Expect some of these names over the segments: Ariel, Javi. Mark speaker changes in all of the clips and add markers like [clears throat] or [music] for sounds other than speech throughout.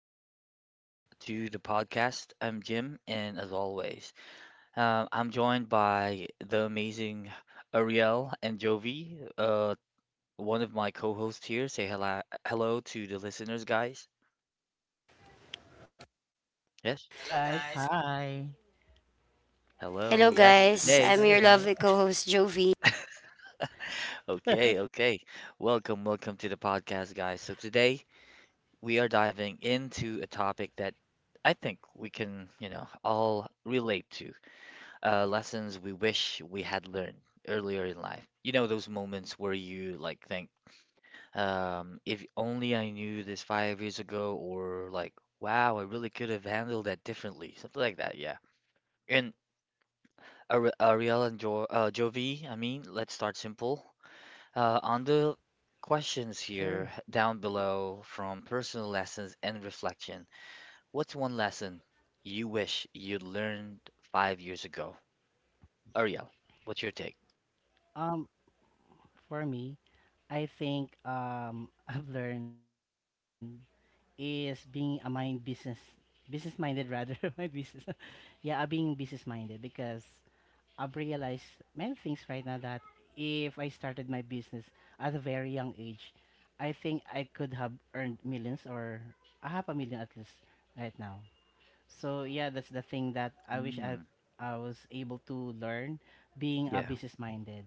Speaker 1: Welcome back to the podcast. I'm Jim, and as always, I'm joined by the amazing Ariel and Jovi, one of my co hosts here. Say hello, hello to the listeners, guys. Yes.
Speaker 2: Hello guys, hi.
Speaker 1: Hello. Yes,
Speaker 2: This is
Speaker 1: today.
Speaker 2: Ariel.
Speaker 1: Okay. Okay. Welcome. Welcome to the podcast, guys. So, today we are diving into a topic that I think we can, all relate to. Lessons we wish we had learned earlier in life. Those moments where you like think, if only I knew this 5 years ago, or like, wow, I really could have handled that differently, something like that, yeah. And Ariel and jo Jovi, I mean, let's start simple. On the
Speaker 2: Sure.
Speaker 1: questions here down below from personal lessons and reflection, what's one lesson you wish you'd learned 5 years ago? Ariel, what's your take?
Speaker 2: Um, for me, I think [laughs] I've learned is being a mind business business minded rather [laughs] my business. [laughs] yeah, Being business minded because I've realized many things right now that if I started my business at a very young age, I think I could have earned millions or a half a million at least right now. So yeah, that's the thing that I wish I was able to learn being a
Speaker 1: Yeah.
Speaker 2: business minded.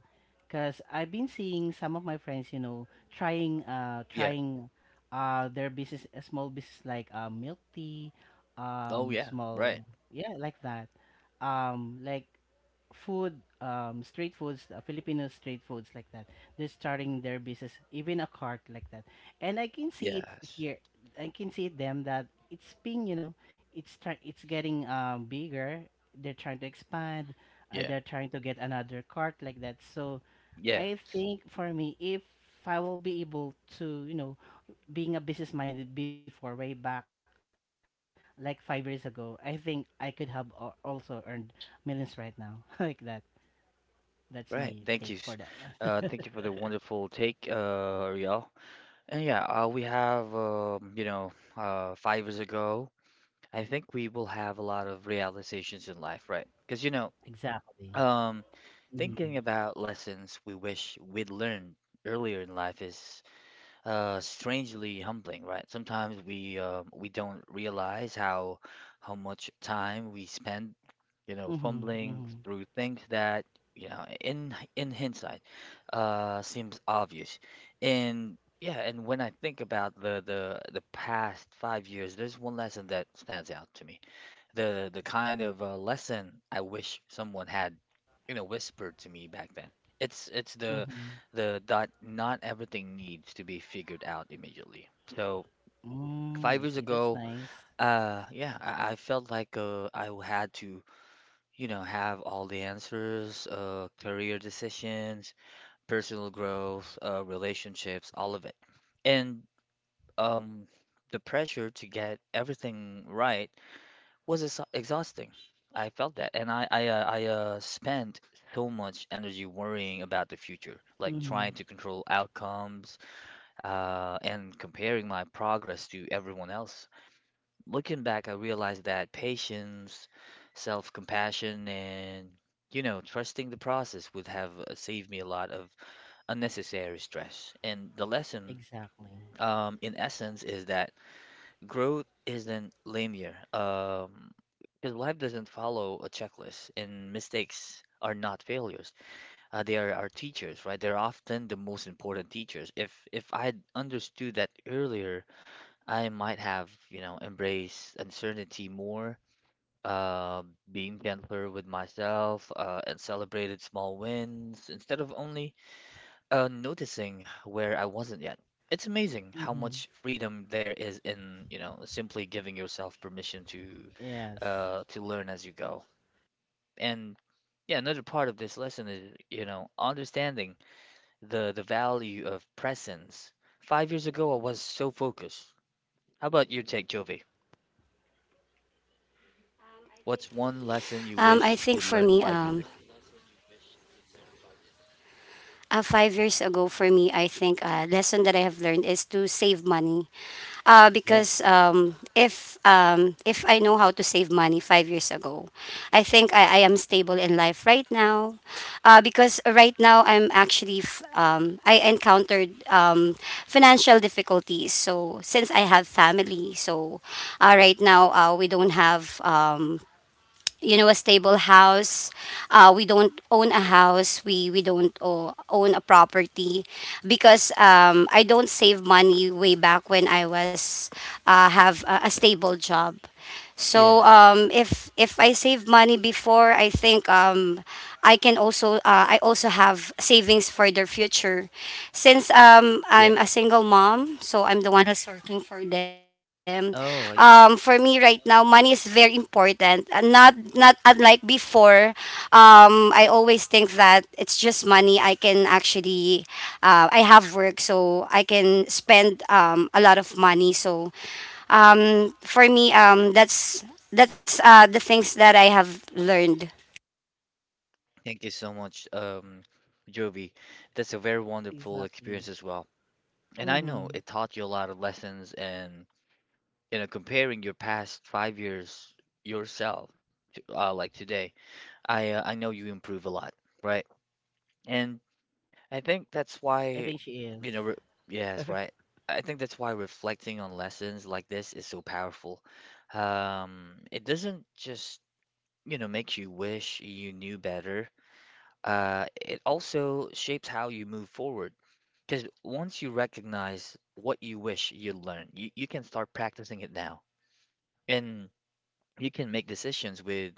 Speaker 2: Cause I've been seeing some of my friends, you know, trying uh
Speaker 1: Yeah.
Speaker 2: trying their business a small business like milk tea,
Speaker 1: Oh, yeah. Right.
Speaker 2: small yeah, like that. Like food, street foods, Filipino street foods like that. They're starting their business, even a cart like that. And I can see it
Speaker 1: Yes.
Speaker 2: here. I can see them that it's being, you know, it's try it's getting bigger. They're trying to expand.
Speaker 1: Yeah.
Speaker 2: They're trying to get another cart like that. So
Speaker 1: Yeah.
Speaker 2: I think for me, if I will be able to, you know, being a business minded before way back, like 5 years ago, I think I could have also earned millions right now, [laughs] like that. That's my take for
Speaker 1: Right.
Speaker 2: that
Speaker 1: Thank you.
Speaker 2: one.
Speaker 1: Thank you for the wonderful take, Ariel. And yeah, we have, 5 years ago, I think we will have a lot of realizations in life, right? Because,
Speaker 2: Exactly.
Speaker 1: um,
Speaker 2: Mhm.
Speaker 1: thinking about lessons we wish we'd learned earlier in life is strangely humbling, right? Sometimes we don't realize how much time we spend
Speaker 2: Mhm. Mhm.
Speaker 1: fumbling through things that, in hindsight, seems obvious. And yeah, and when I think about the past 5 years, there's one lesson that stands out to me. The kind of lesson I wish someone had, whispered to me back then. It's the
Speaker 2: Mhm.
Speaker 1: the that not everything needs to be figured out immediately. So
Speaker 2: Mm, you
Speaker 1: five
Speaker 2: see,
Speaker 1: years
Speaker 2: that's
Speaker 1: ago,
Speaker 2: nice.
Speaker 1: I felt like I had to have all the answers, career decisions, personal growth, relationships, all of it. And um, the pressure to get everything right was ex exhausting. I felt that, and I spent so much energy worrying about the future, like
Speaker 2: Mhm.
Speaker 1: trying to control outcomes, and comparing my progress to everyone else. Looking back, I realized that patience, self-compassion, and trusting the process would have saved me a lot of unnecessary stress. And the lesson,
Speaker 2: Exactly.
Speaker 1: in essence, is that growth isn't linear. Because life doesn't follow a checklist, and mistakes are not failures. They are our teachers, right? They're often the most important teachers. If I'd understood that earlier, I might have, embraced uncertainty more uh, being gentler with myself, and celebrated small wins instead of only noticing where I wasn't yet. It's amazing how
Speaker 2: Mhm.
Speaker 1: much freedom there is in, simply giving yourself permission
Speaker 2: Yes.
Speaker 1: to learn as you go. And yeah, another part of this lesson is, understanding the value of presence. 5 years ago, I was so focused. How about you take, Jovi?
Speaker 2: I think
Speaker 1: What's
Speaker 2: for
Speaker 1: one
Speaker 2: me,
Speaker 1: lesson you wish you learned 5 years ago? Yeah, yeah. Yeah. Oh, I see. Thank you so much, Jovi. That's a very
Speaker 2: exactly.
Speaker 1: wonderful
Speaker 2: Exactly.
Speaker 1: experience as well. And I know
Speaker 2: Mhm.
Speaker 1: it taught you a lot of lessons and, comparing your past 5 years yourself to, like today, I know you improve a lot, right? And I think that's
Speaker 2: I
Speaker 1: why,
Speaker 2: think she is.
Speaker 1: you know, re yes, right. I think that's why reflecting on lessons like this is so powerful. It doesn't just, make you wish you knew better it also shapes how you move forward. Because once you recognize what you wish you learned, you can start practicing it now, and you can make decisions with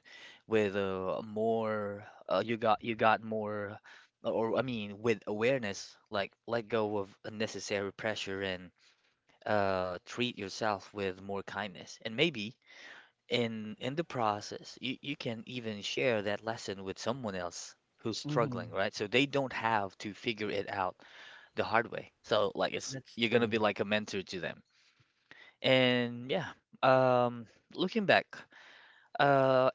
Speaker 1: more you got more, or I mean, with awareness, like let go of unnecessary pressure and treat yourself with more kindness, and maybe in the process, you can even share that lesson with someone else who's
Speaker 2: Mhm.
Speaker 1: struggling, right? So they don't have to figure it out the hard way. So like it's
Speaker 2: That's
Speaker 1: you're gonna
Speaker 2: true.
Speaker 1: be like a mentor to them. And yeah, um, looking back, uh,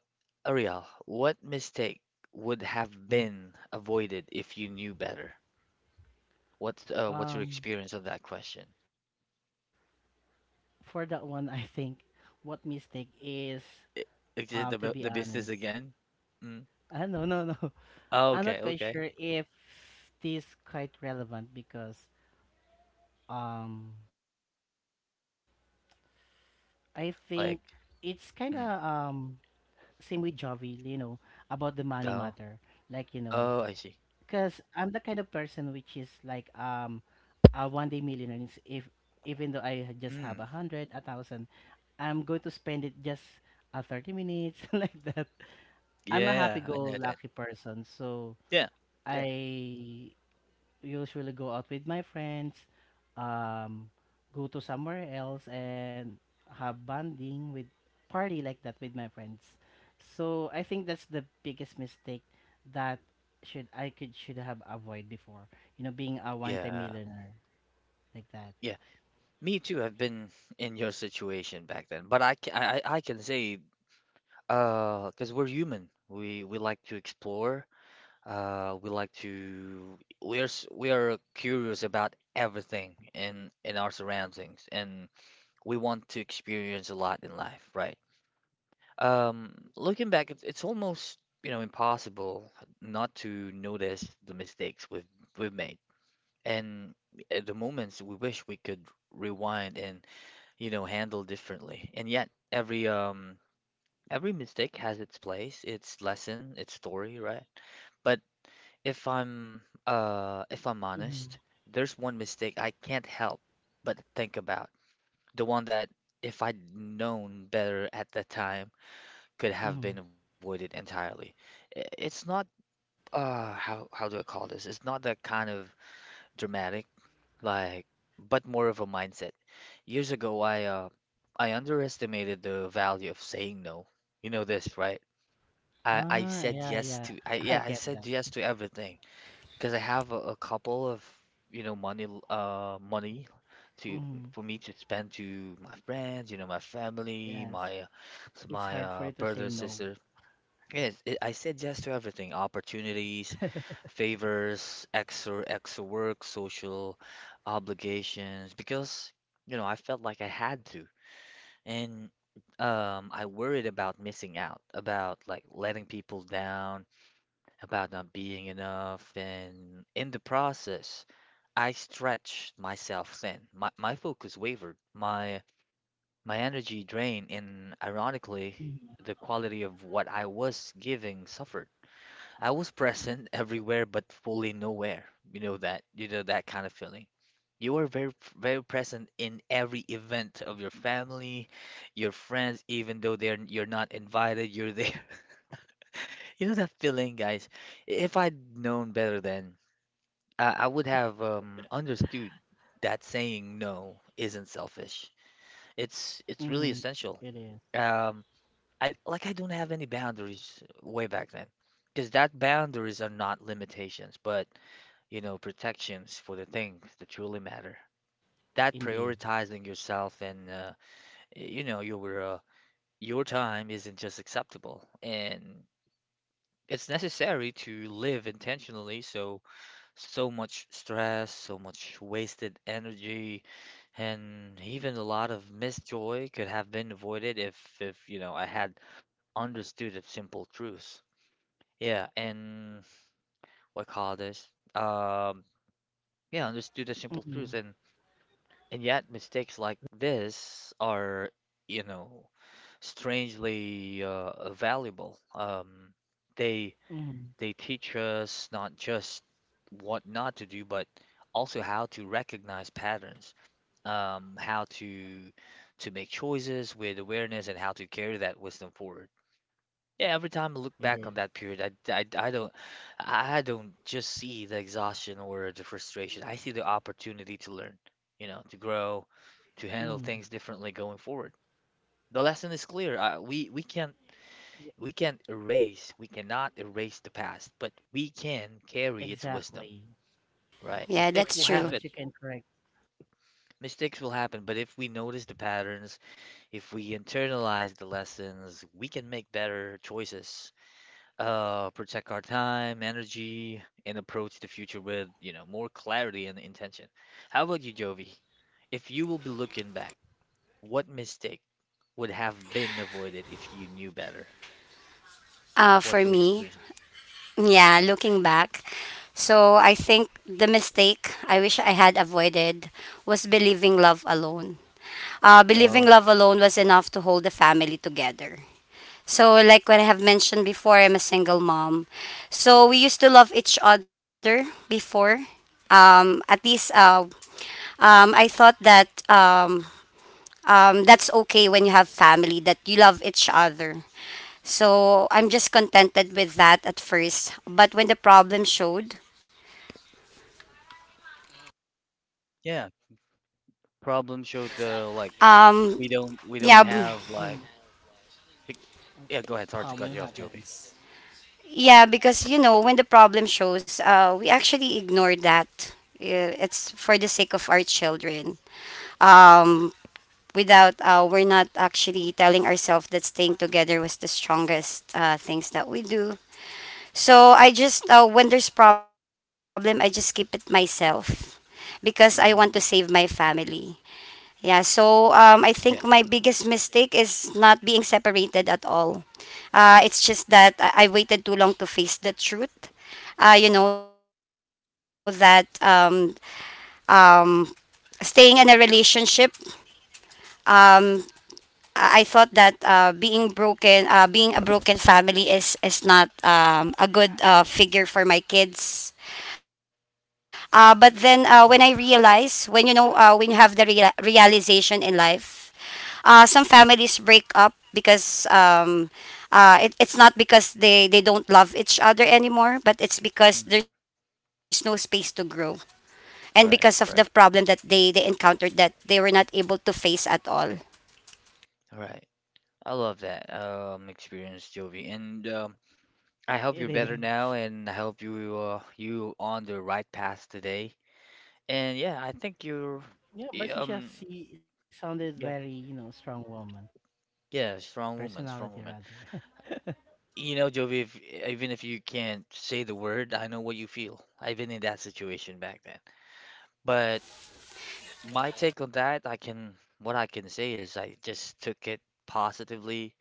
Speaker 1: Ariel, what mistake would have
Speaker 2: Mhm.
Speaker 1: been avoided if you knew better? What's your
Speaker 2: Um,
Speaker 1: experience of that question?
Speaker 2: for that one, I think what mistake is,
Speaker 1: I-
Speaker 2: to
Speaker 1: Is
Speaker 2: be
Speaker 1: it the the
Speaker 2: honest,
Speaker 1: business again? Mm.
Speaker 2: [laughs] ah, no, no, no. [laughs]
Speaker 1: Oh,
Speaker 2: I'm not
Speaker 1: okay,
Speaker 2: quite sure
Speaker 1: okay.
Speaker 2: if this quite relevant because um, I think it's kind of
Speaker 1: Like, mm.
Speaker 2: same with Javi, you know, about the money matter.
Speaker 1: Oh,
Speaker 2: Like, you know,
Speaker 1: oh, I see.
Speaker 2: because I'm the kind of person which is like a one day millionaire. It's if Even though I just
Speaker 1: Mm,
Speaker 2: have a hundred, a thousand, I'm going to spend it just 30 minutes [laughs] like that. I'm a
Speaker 1: yeah,
Speaker 2: happy
Speaker 1: I know
Speaker 2: go
Speaker 1: that.
Speaker 2: lucky person, so
Speaker 1: Yeah, yeah,
Speaker 2: I usually go out with my friends, um, go to somewhere else and have bonding with party like that with my friends. So I think that's the biggest mistake that should I could should have avoid before. You know, being a one time
Speaker 1: yeah,
Speaker 2: millionaire like that.
Speaker 1: yeah. Me too. I've been in your situation back then, but I can say, because we're human. We like to explore. We like to. We are curious about everything in our surroundings, and we want to experience a lot in life, right? Looking back, it's almost impossible not to notice the mistakes we've made and at the moments we wish we could rewind and handle differently. And yet every mistake has its place, its lesson, its story, right? But if i'm if I'm
Speaker 2: Mm-hmm.
Speaker 1: honest, there's one mistake I can't help but think about, the one that if I'd known better at the time could have been
Speaker 2: Mm-hmm.
Speaker 1: avoided entirely. It's not how how do I call this it's not that kind of dramatic, like, but more of a mindset. Years ago, I underestimated the value of saying no. You know this, right? I I
Speaker 2: Ah,
Speaker 1: said
Speaker 2: yeah,
Speaker 1: yes
Speaker 2: yeah.
Speaker 1: to I
Speaker 2: [laughs] I
Speaker 1: yeah I
Speaker 2: get
Speaker 1: said
Speaker 2: that.
Speaker 1: yes to everything because I have a couple of money to
Speaker 2: Mm-hmm.
Speaker 1: for me to spend to my friends, my
Speaker 2: Yes,
Speaker 1: family, my uh,
Speaker 2: it's
Speaker 1: s-
Speaker 2: hard
Speaker 1: my
Speaker 2: for you to
Speaker 1: uh,
Speaker 2: say
Speaker 1: brother,
Speaker 2: no.
Speaker 1: sister. Yes, it, I said yes to everything, opportunities, favors, extra work, social obligations, because I felt like I had to, and I worried about missing out, about like letting people down, about not being enough, and in the process, I stretched myself thin. My focus wavered, my energy drained, and ironically,
Speaker 2: Mm-hmm.
Speaker 1: the quality of what I was giving suffered. I was present everywhere but fully nowhere. You know that kind of feeling. You were very present in every event of your family, your friends, even though they're you're not invited, you're there. [laughs] You know that feeling, guys. If I'd known better then, I would have understood that saying no isn't selfish. It's
Speaker 2: Mm-hmm.
Speaker 1: it's really
Speaker 2: It is
Speaker 1: essential. Um, I like I don't have any boundaries way back then, because that boundaries are not limitations, but protections for the things that truly matter. That
Speaker 2: indeed.
Speaker 1: prioritizing yourself and you know your uh, your time isn't just acceptable, and it's necessary to live intentionally. So so much stress, so much wasted energy, and even a lot of missed joy could have been avoided if I had understood the simple truths. Yeah, and what call this? Yeah, understood the simple
Speaker 2: Mm-hmm.
Speaker 1: truths. And yet, mistakes like this are, you know, strangely valuable. They
Speaker 2: Mm-hmm.
Speaker 1: they teach us not just what not to do, but also how to recognize patterns, how to make choices with awareness, and how to carry that wisdom forward. Yeah, every time I look
Speaker 2: It is.
Speaker 1: back on that period, I, I, I don't I don't just see the exhaustion or the frustration. I see the opportunity to learn, to grow, to handle things
Speaker 2: Mm-hmm.
Speaker 1: differently going forward. The lesson is clear. We can't erase, we cannot erase the past, but we can carry its
Speaker 2: Exactly.
Speaker 1: wisdom, right?
Speaker 3: Yeah,
Speaker 1: Mistakes
Speaker 3: that's
Speaker 1: will
Speaker 2: But you
Speaker 3: true.
Speaker 2: can
Speaker 1: happen.
Speaker 2: correct.
Speaker 1: Mistakes will happen, but if we notice the patterns, if we internalize the lessons, we can make better choices, protect our time, energy, and approach the future with, more clarity and intention. How about you, Jovi? If you will be looking back, what mistake would have been avoided if you knew better?
Speaker 3: For
Speaker 1: What's your
Speaker 3: me,
Speaker 1: experience?
Speaker 3: yeah, looking back, so I think the mistake I wish I had avoided was believing love alone. Believing
Speaker 1: Oh,
Speaker 3: love alone was enough to hold the family together. So, like what I have mentioned before, I'm a single mom. So, we used to love each other before. At least, I thought that that's okay when you have family, that you love each other. So I'm just contented with that at first. But when the problem showed,
Speaker 1: yeah, problem showed the like
Speaker 3: um,
Speaker 1: we don't
Speaker 3: yeah,
Speaker 1: have
Speaker 2: Mm,
Speaker 1: like big,
Speaker 2: uh,
Speaker 1: yeah. Go ahead. It's hard to cut
Speaker 2: problem
Speaker 1: you off, Jovi.
Speaker 2: happens.
Speaker 3: yeah, because you know when the problem shows, we actually ignore that. It's for the sake of our children. Um, without we're not actually telling ourselves that staying together was the strongest things that we do. So I just when there's problem, I just keep it myself because I want to save my
Speaker 1: Mm, I see.
Speaker 3: family. Yeah, so I think my
Speaker 1: Yeah,
Speaker 3: biggest mistake is not being separated at all. It's just that I waited too long to face the truth. You know that um, staying in a relationship, um, I thought that being broken, being a broken family is not a good figure for my kids. But then when I realized,
Speaker 1: yeah,
Speaker 3: when you know, when you have the real realization in life. Some families break up because it's not because they don't love each other anymore, but it's because
Speaker 1: mm,
Speaker 3: there's no space to grow and because of the
Speaker 1: right,
Speaker 3: problem that
Speaker 1: right,
Speaker 3: they encountered that they were not able to face at all.
Speaker 1: right. I love that experience, Jovi, and. I hope you're
Speaker 2: It
Speaker 1: better now,
Speaker 2: is.
Speaker 1: and I hope you you on the right path today. And yeah, I think you're
Speaker 2: Yeah,
Speaker 1: y-
Speaker 2: but she just
Speaker 1: um
Speaker 2: she sounded
Speaker 1: yeah,
Speaker 2: very, you know, strong woman. Personality
Speaker 1: yeah, strong woman,
Speaker 2: rather.
Speaker 1: strong woman. You know, Jovi, if, even if you can't say the word, I know what you feel. I've been in that situation back then. But my take on that, I can what I can say is I just took it positively.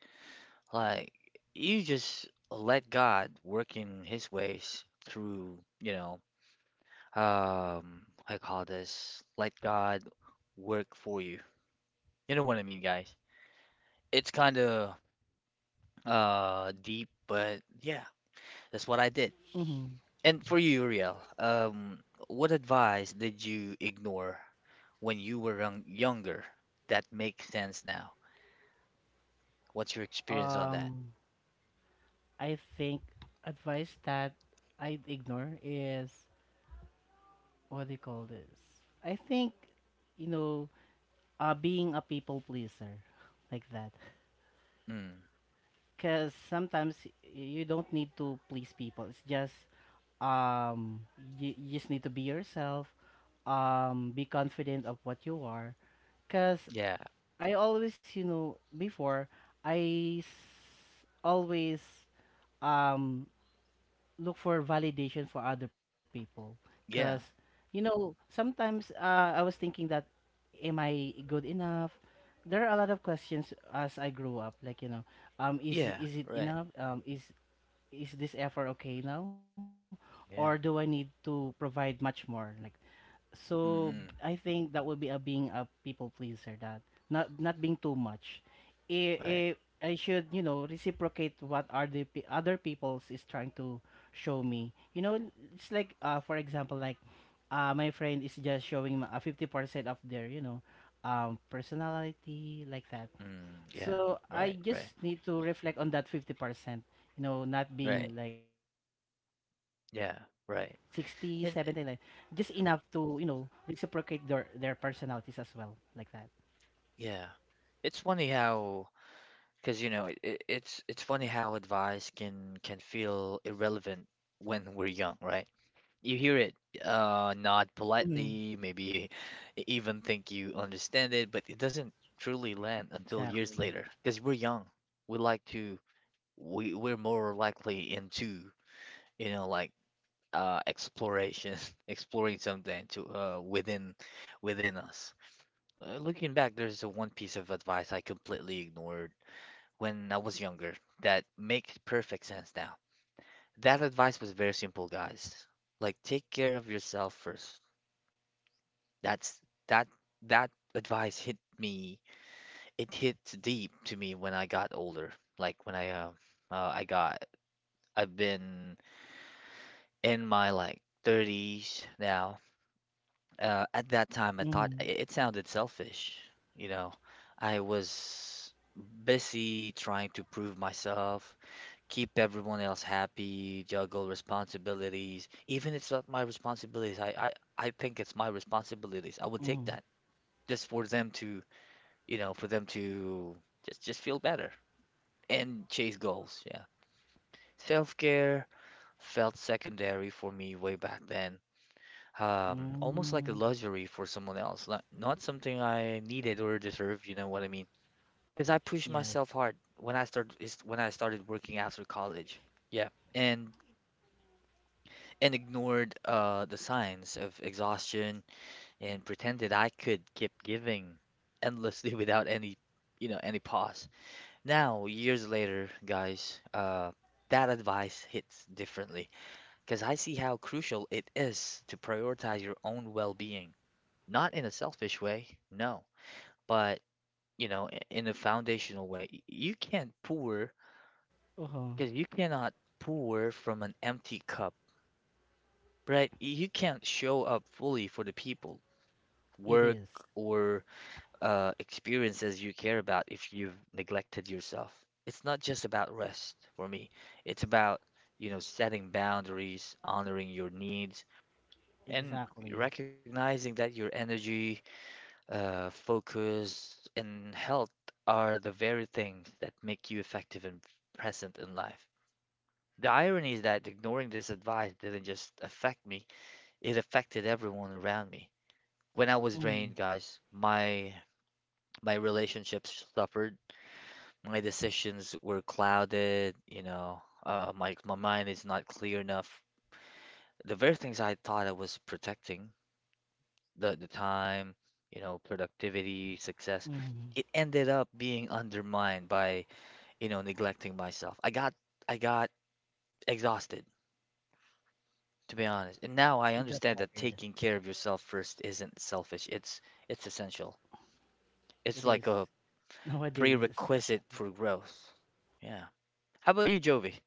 Speaker 1: Like you just let God work in His ways through you know. um I call this let God work for you. You know what I mean, guys. It's kind of deep, but yeah, that's what I did.
Speaker 2: [laughs] Hmm.
Speaker 1: And for you, Uriel, what advice did you ignore when you were younger that makes sense now? What's your experience on that?
Speaker 2: Um, I think advice that I'd ignore is, what do you call this? I think, you know, being a people pleaser, [laughs] like that.
Speaker 1: Mm,
Speaker 2: Because sometimes you don't need to please people. It's just um you just need to be yourself, um, be confident of what you are because
Speaker 1: yeah,
Speaker 2: I always, you know, before always um look for validation for other people because
Speaker 1: yeah,
Speaker 2: you know sometimes I was thinking that am I good enough? There are a lot of questions as I grew up, like, you know,
Speaker 1: yeah,
Speaker 2: is it
Speaker 1: right,
Speaker 2: enough? Um, is this effort okay now
Speaker 1: yeah,
Speaker 2: or do I need to provide much more like?
Speaker 1: mm,
Speaker 2: So
Speaker 1: mm,
Speaker 2: I think that would be a being a people pleaser, that not being too much.
Speaker 1: right,
Speaker 2: I I should, you know, reciprocate what are the other people's is trying to show me. You know, it's like for example like my friend is just showing a 50% of their you know personality like that.
Speaker 1: mm, yeah,
Speaker 2: So I
Speaker 1: right, right,
Speaker 2: just need to reflect on that 50%. You know, not
Speaker 1: right,
Speaker 2: being like 60, 70, like
Speaker 1: yeah,
Speaker 2: just
Speaker 1: right.
Speaker 2: enough to you
Speaker 1: And
Speaker 2: know reciprocate their personalities as well, like that.
Speaker 1: yeah. It's funny how, because you know, it- it's funny how advice can feel irrelevant when we're young, right? You hear it, nod
Speaker 2: Mm.
Speaker 1: politely, maybe even think you understand it, but it doesn't truly land until
Speaker 2: Exactly.
Speaker 1: years later. Because we're young, we like to, we're more likely into, like exploration, [laughs] exploring something to within within us. Looking back, there's a one piece of advice I completely ignored when I was younger that makes perfect sense now. That advice was very simple, guys. Like take care of yourself first. That's that that advice hit me. It hit deep to me when I got older. Like when I got I've been in my like 30s now. At that time, I thought
Speaker 2: Mhm.
Speaker 1: it sounded selfish. You know, I was busy trying to prove myself, keep everyone else happy, juggle responsibilities. Even it's not my responsibilities, I think it's my responsibilities. I would take that
Speaker 2: Mhm.
Speaker 1: just for them to, you know, for them to just feel better and chase goals. Yeah. Self-care felt secondary for me way back then. Almost like a
Speaker 2: Mm,
Speaker 1: luxury for someone else, not something I needed or deserved, you know what I mean? Because I pushed
Speaker 2: yes.
Speaker 1: myself hard when I started working after college. Yeah. And ignored the signs of exhaustion and pretended I could keep giving endlessly [laughs] without any, you know, any pause. Now, years later, guys, that advice hits differently because I see how crucial it is to prioritize your own well-being. Not in a selfish way, no, but you know, in a foundational way. You can't pour
Speaker 2: Uh-huh.
Speaker 1: because you cannot pour from an empty cup, right? You can't show up fully for the people, work,
Speaker 2: It is.
Speaker 1: or experiences you care about if you've neglected yourself. It's not just about rest for me. It's about, you know, setting boundaries, honoring your needs, and
Speaker 2: Exactly.
Speaker 1: recognizing that your energy, focus, and health are the very things that make you effective and present in life. The irony is that ignoring this advice didn't just affect me, it affected everyone around me. When I was drained,
Speaker 2: Mhm.
Speaker 1: guys, my relationships suffered, my decisions were clouded, you know, my mind is not clear enough. The very things I thought I was protecting, the time, you know, productivity, success, it
Speaker 2: Mhm.
Speaker 1: ended up being undermined by, you know, neglecting myself. I got exhausted, to be honest. And now I
Speaker 2: It got
Speaker 1: understand that
Speaker 2: tired.
Speaker 1: taking care of yourself first isn't selfish. It's essential. It's
Speaker 2: It
Speaker 1: like
Speaker 2: is.
Speaker 1: a
Speaker 2: [laughs] Nowadays,
Speaker 1: prerequisite
Speaker 2: especially.
Speaker 1: for growth. Yeah. How about you, Jovi?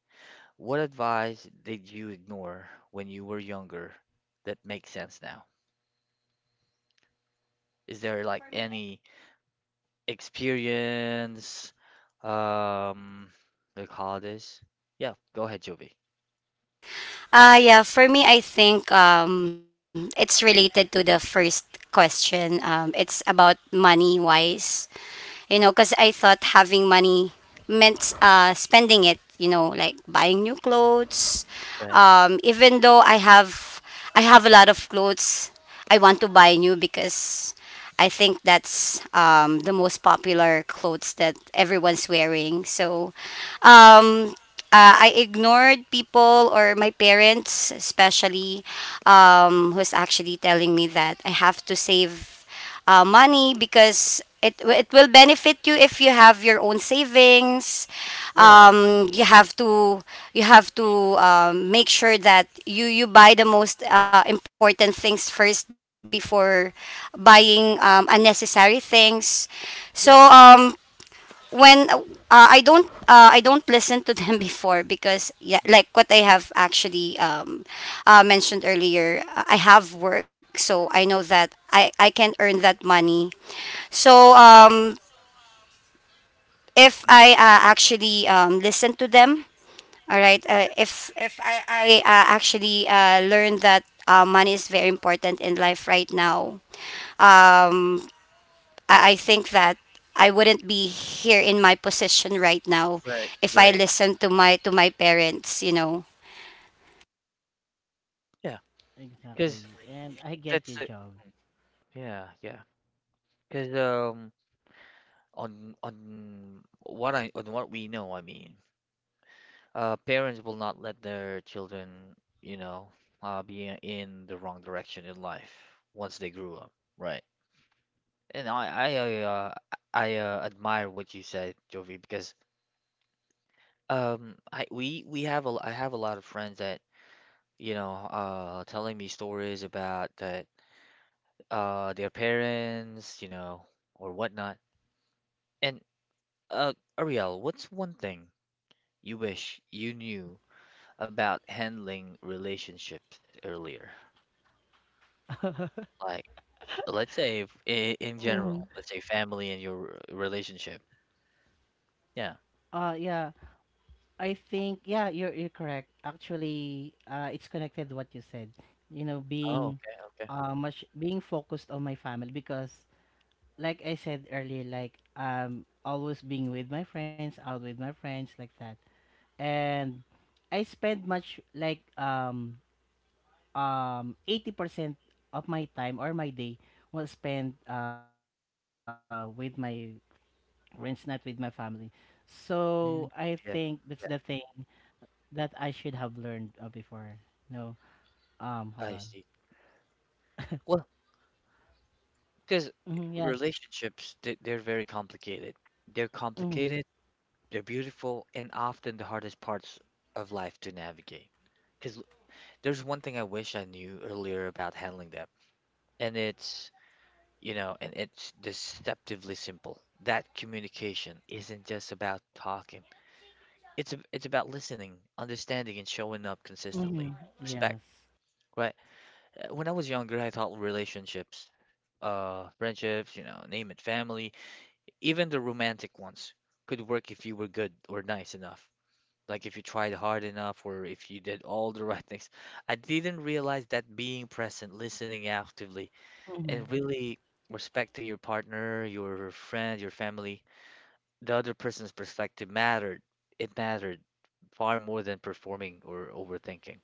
Speaker 1: What advice did you ignore when you were younger that makes sense now? Is there like any experience, um, what do call this? Yeah, go ahead, Jovi.
Speaker 3: Yeah, for me, I think it's related to the first question. It's about money wise. You know, because I thought having money meant spending it, you know, like buying new clothes.
Speaker 1: Right.
Speaker 3: Even though I have a lot of clothes, I want to buy new because I think that's the most popular clothes that everyone's wearing. So, um, uh, I ignored people or my parents, especially, who's actually telling me that I have to save money because it will benefit you if you have your own savings.
Speaker 1: Yeah,
Speaker 3: You have to make sure that you buy the most important things first before buying unnecessary things. So
Speaker 1: yeah.
Speaker 3: when I don't listen to them [laughs] before because yeah,
Speaker 1: Mm,
Speaker 3: like what I have actually mentioned earlier, I have work, so I know that I can earn that money. So if
Speaker 1: mm,
Speaker 3: I actually listen to them, all right.
Speaker 1: yeah,
Speaker 3: If I I actually learn that money is very important in life right now. Um, I think that I wouldn't be here in my position right now
Speaker 1: right,
Speaker 3: if I
Speaker 1: right.
Speaker 3: listened to my parents, you know.
Speaker 1: Yeah, because
Speaker 2: Exactly. And I get
Speaker 1: that's
Speaker 2: your
Speaker 1: it.
Speaker 2: job.
Speaker 1: Yeah, yeah. Because on what we know, I mean, parents will not let their children, you know, be in the wrong direction in life once they grew up, right? And I admire what you said, Jovi, because I have a lot of friends that you know telling me stories about that their parents you know or whatnot. And Ariel, what's one thing you wish you knew about handling relationships earlier? Like let's say if, in general, let's say family and your relationship. Yeah.
Speaker 2: Yeah, I think yeah, you're correct. Actually, uh, it's connected to what you said. You know, being
Speaker 1: Oh, okay, okay.
Speaker 2: much being focused on my family because like I said earlier, like always being with my friends, out with my friends, like that. And I spend much like um 80% of my time or my day was spent with my friends, not with my family. So I think
Speaker 1: Mm,
Speaker 2: that's the
Speaker 1: yeah,
Speaker 2: thing
Speaker 1: yeah.
Speaker 2: that I should have learned before. No, hold on.
Speaker 1: I see. Well. Because
Speaker 2: Mm-hmm, yeah.
Speaker 1: relationships, they're very complicated. They're
Speaker 2: Mm-hmm,
Speaker 1: complicated, they're beautiful, and often the hardest parts of life to navigate. Because there's one thing I wish I knew earlier about handling them, and it's, you know, and it's deceptively simple. That communication isn't just about talking. It's about listening, understanding, and showing up
Speaker 2: mm-hmm,
Speaker 1: consistently. Respect,
Speaker 2: yes.
Speaker 1: right? When I was younger, I thought relationships, friendships, you know, name it, family. Even the romantic ones could work if you were good or nice enough. Like if you tried hard enough or if you did all the [laughs] right things. I didn't realize that being present, listening actively,
Speaker 2: Mm-hmm,
Speaker 1: and really respecting your partner, your friend, your family, the other person's perspective mattered. It mattered far more than performing or overthinking.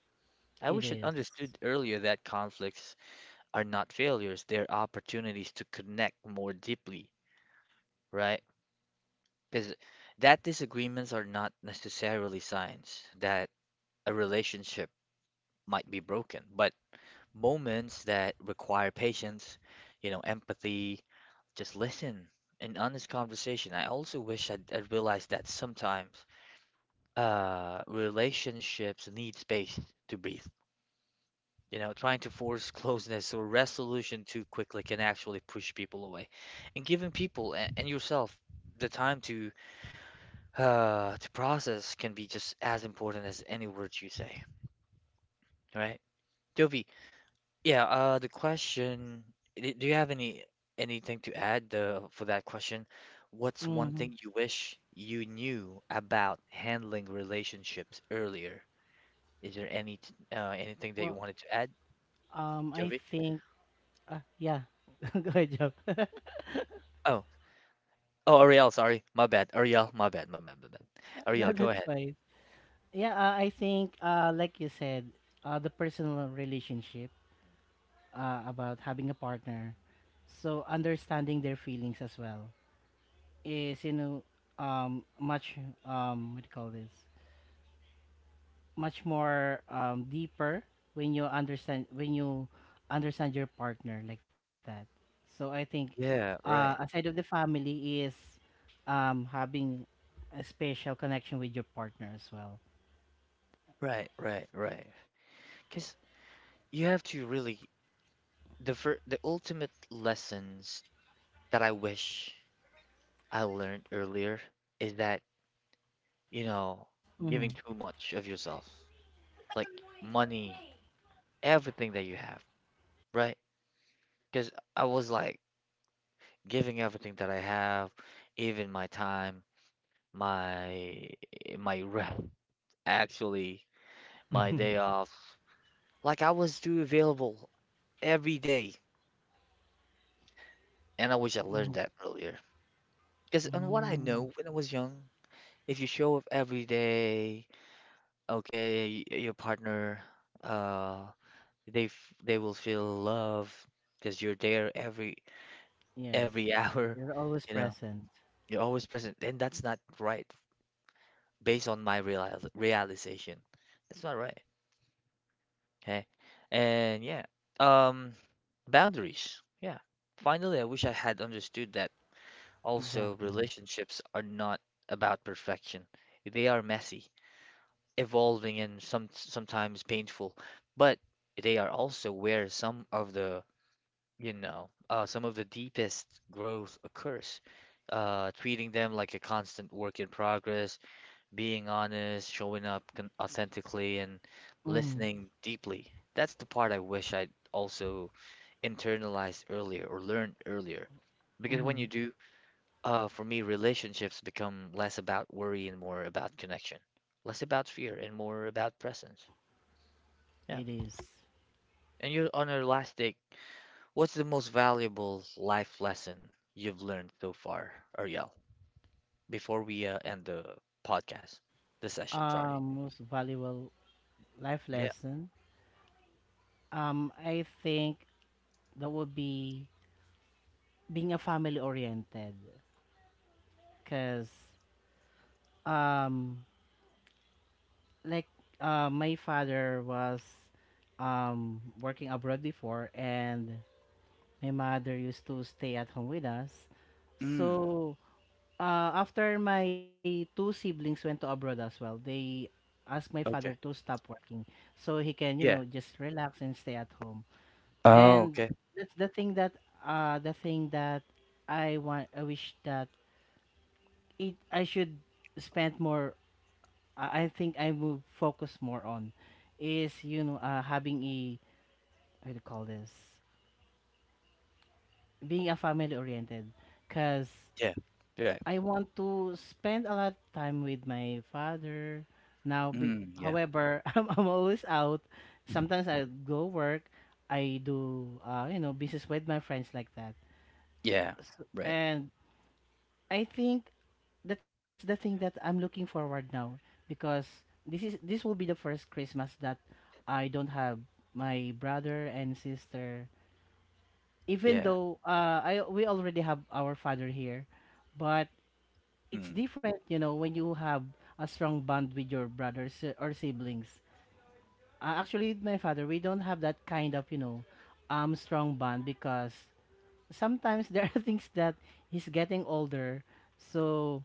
Speaker 1: I wish
Speaker 2: it
Speaker 1: I'd
Speaker 2: is.
Speaker 1: understood earlier that conflicts are not failures, they're opportunities to connect more deeply, right? Because that disagreements are not necessarily signs that a relationship might be broken, but moments that require patience, you know, empathy, just listen, an honest conversation. I also wish I'd realized that sometimes relationships need space to breathe. You know, trying to force closeness or resolution too quickly can actually push people away. And giving people and yourself the time to to process can be just as important as any words you say, right? Jovi, yeah, the question, do you have any anything to add for that question? What's one
Speaker 2: Mm-hmm.
Speaker 1: thing you wish you knew about handling relationships earlier? Is there any anything that you
Speaker 2: Well,
Speaker 1: wanted to add,
Speaker 2: um, I
Speaker 1: Jovi?
Speaker 2: think ah, yeah. [laughs] Go ahead, Job. [laughs]
Speaker 1: Oh, oh, Ariel, sorry, my bad. Ariel, my bad, my bad, my bad.
Speaker 2: No,
Speaker 1: Ariel, go
Speaker 2: that's
Speaker 1: ahead.
Speaker 2: fine. Yeah, I think like you said, the personal relationship about having a partner, so understanding their feelings as well is you know much um, what do you call this, much more deeper when you understand your partner like that. So I think
Speaker 1: Yeah, right,
Speaker 2: aside of the family is having a special connection with your partner as well.
Speaker 1: right, right, right. Because you have to really the ultimate lessons that I wish I learned earlier is
Speaker 2: Mm-hmm.
Speaker 1: that, you know, giving too much of yourself, like money, everything that you have, right? Because I was like giving everything that I have, even my time, my my rest, actually, my day
Speaker 2: [laughs]
Speaker 1: off. Like I was too available every day, and I wish I learned that earlier. Because on what I know
Speaker 2: Mm.
Speaker 1: when I was young, if you show up every day, okay, your partner, uh, they will feel love because you're there
Speaker 2: Yes,
Speaker 1: every [laughs] hour,
Speaker 2: you're always
Speaker 1: you know,
Speaker 2: present.
Speaker 1: you're always present, and that's not right based on my real realization. That's not right. Okay, and yeah, um, boundaries. Yeah, finally, I wish I had understood that. Also,
Speaker 2: Exactly.
Speaker 1: relationships are not about perfection; they are messy, evolving and sometimes painful, but they are also where some of the, you know, some of the deepest growth occurs. Treating them like a constant work in progress, being honest, showing up con authentically, and
Speaker 2: Mm-hmm.
Speaker 1: listening deeply. That's the part I wish I'd also internalized earlier or learned earlier. Because when you
Speaker 2: Mm-hmm.
Speaker 1: do, for me, relationships become less about worry and more about connection, less about fear and more about presence. Yeah.
Speaker 2: It is.
Speaker 1: And you're on our last take. What's the most valuable life lesson you've learned so far, Ariel, before we end the podcast, the session, sorry.
Speaker 2: Most valuable life
Speaker 1: Yeah.
Speaker 2: lesson. I think that would be being a family oriented. Because um like my father was working abroad before and my mother used to stay at home with us.
Speaker 1: Mm.
Speaker 2: So after my two siblings went to abroad as well, they asked my father to
Speaker 1: Okay.
Speaker 2: stop working so he can, you know,
Speaker 1: Yeah.
Speaker 2: just relax and stay at home.
Speaker 1: Oh,
Speaker 2: And
Speaker 1: okay.
Speaker 2: that's the thing that I wish that it I should spend more, I think I will focus more on is, you know, having a, how do you call this, being a family oriented. Because
Speaker 1: Yeah. Yeah.
Speaker 2: I want to spend a lot of time with my father now,
Speaker 1: Mm, yeah.
Speaker 2: however [laughs] I'm always out. Sometimes
Speaker 1: [clears throat]
Speaker 2: I go work, I do you know, business with my friends like that.
Speaker 1: Yeah.
Speaker 2: S
Speaker 1: Right.
Speaker 2: And I think that's the thing that I'm looking forward now because this will be the first Christmas that I don't have my brother and sister. Even
Speaker 1: Yeah.
Speaker 2: though I we already have our father here, but it's
Speaker 1: Mm.
Speaker 2: different, you know, when you have a strong bond with your brothers or siblings. Actually, with my father, we don't have that kind of, you know, strong bond because sometimes there are [laughs] things that he's getting older, so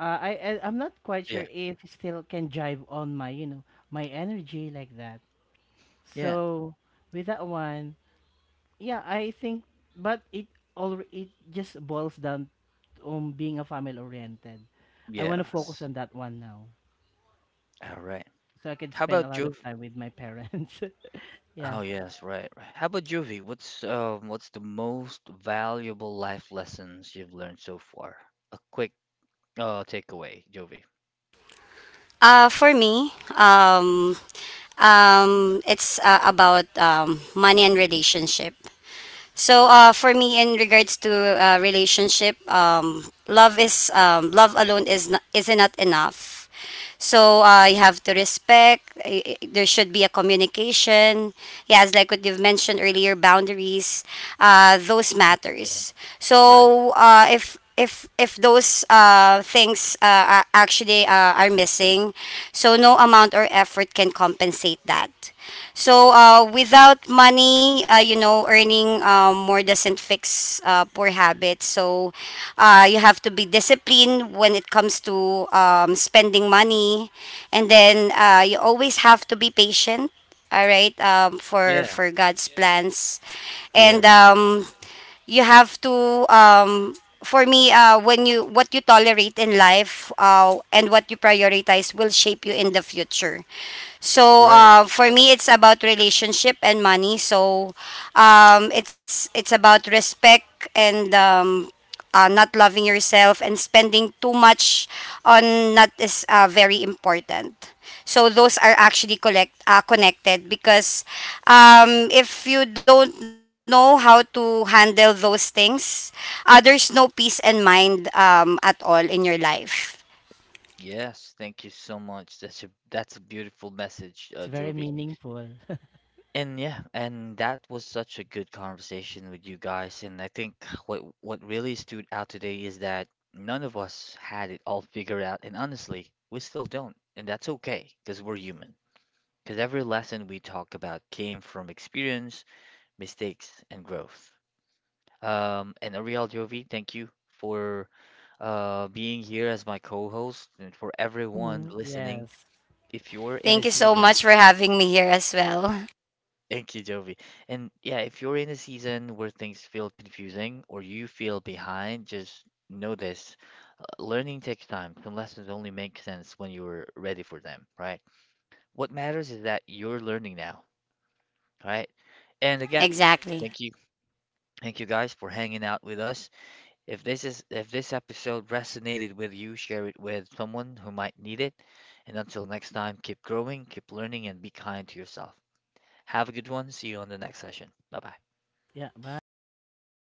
Speaker 2: uh, I'm not quite sure
Speaker 1: Yeah.
Speaker 2: if it still can jive on my you know my energy like that.
Speaker 1: Yeah.
Speaker 2: So with that one, yeah, I think, but it all it just boils down on being a family oriented. I want to focus
Speaker 1: Yes.
Speaker 2: on that one now,
Speaker 1: All right.
Speaker 2: so I can
Speaker 1: How
Speaker 2: spend a
Speaker 1: about
Speaker 2: lot of
Speaker 1: Juvie?
Speaker 2: time with my parents. [laughs] Yeah,
Speaker 1: Oh, yes, right, right. How about Juvie? What's the most valuable life lessons you've learned so far? A quick Oh, takeaway, Jovi.
Speaker 3: For me, it's about money and relationship. For me, in regards to relationship, love alone is not enough. So you have to respect. There should be a communication. Yes, like what you've mentioned earlier, boundaries. Those
Speaker 1: Mhm, yeah.
Speaker 3: matters.
Speaker 1: Right.
Speaker 3: So if those things are missing, so no amount or effort can compensate that. Without money, you know, earning more doesn't fix poor habits. So you have to be disciplined when it comes to spending money, and then you always have to be patient. All right,
Speaker 1: Yeah.
Speaker 3: for God's plans, and
Speaker 1: Yes.
Speaker 3: you have to for me when you what you tolerate in life and what you prioritize will shape you in the future. So
Speaker 1: Right.
Speaker 3: for me it's about relationship and money. So it's about respect, and not loving yourself and spending too much on that is very important. So those are actually collect connected because if you don't know how to handle those things, there's no peace and mind at all in your life.
Speaker 1: Yes. Thank you so much. That's a beautiful message,
Speaker 2: that's very
Speaker 1: Jovi.
Speaker 2: meaningful. [laughs]
Speaker 1: And yeah, and that was such a good conversation with you guys. And I think what really stood out today is that none of us had it all figured out, and honestly, we still don't. And that's okay, because we're human. Because every lesson we talk about came from experience, mistakes, and growth. And Ariel, Jovi, thank you for being here as my co-host and for everyone
Speaker 2: Mhm,
Speaker 1: listening.
Speaker 2: yes.
Speaker 1: If you're in a
Speaker 3: Thank you so
Speaker 1: season,
Speaker 3: much for having me here as well. [laughs]
Speaker 1: thank you, Jovi. And yeah, if you're in a season where things feel confusing or you feel behind, just know this. Learning takes time. Some lessons only make sense when you're ready for them, right? What matters is that you're learning now, right? And again, thank
Speaker 3: Exactly.
Speaker 1: you. Thank you guys for hanging out with us. If this episode resonated with you, share it with someone who might need it. And until next time, keep growing, keep learning, and be kind to yourself. Have a good one. See you on the next session. Bye bye.
Speaker 2: Yeah. Bye. Bye.
Speaker 3: Bye.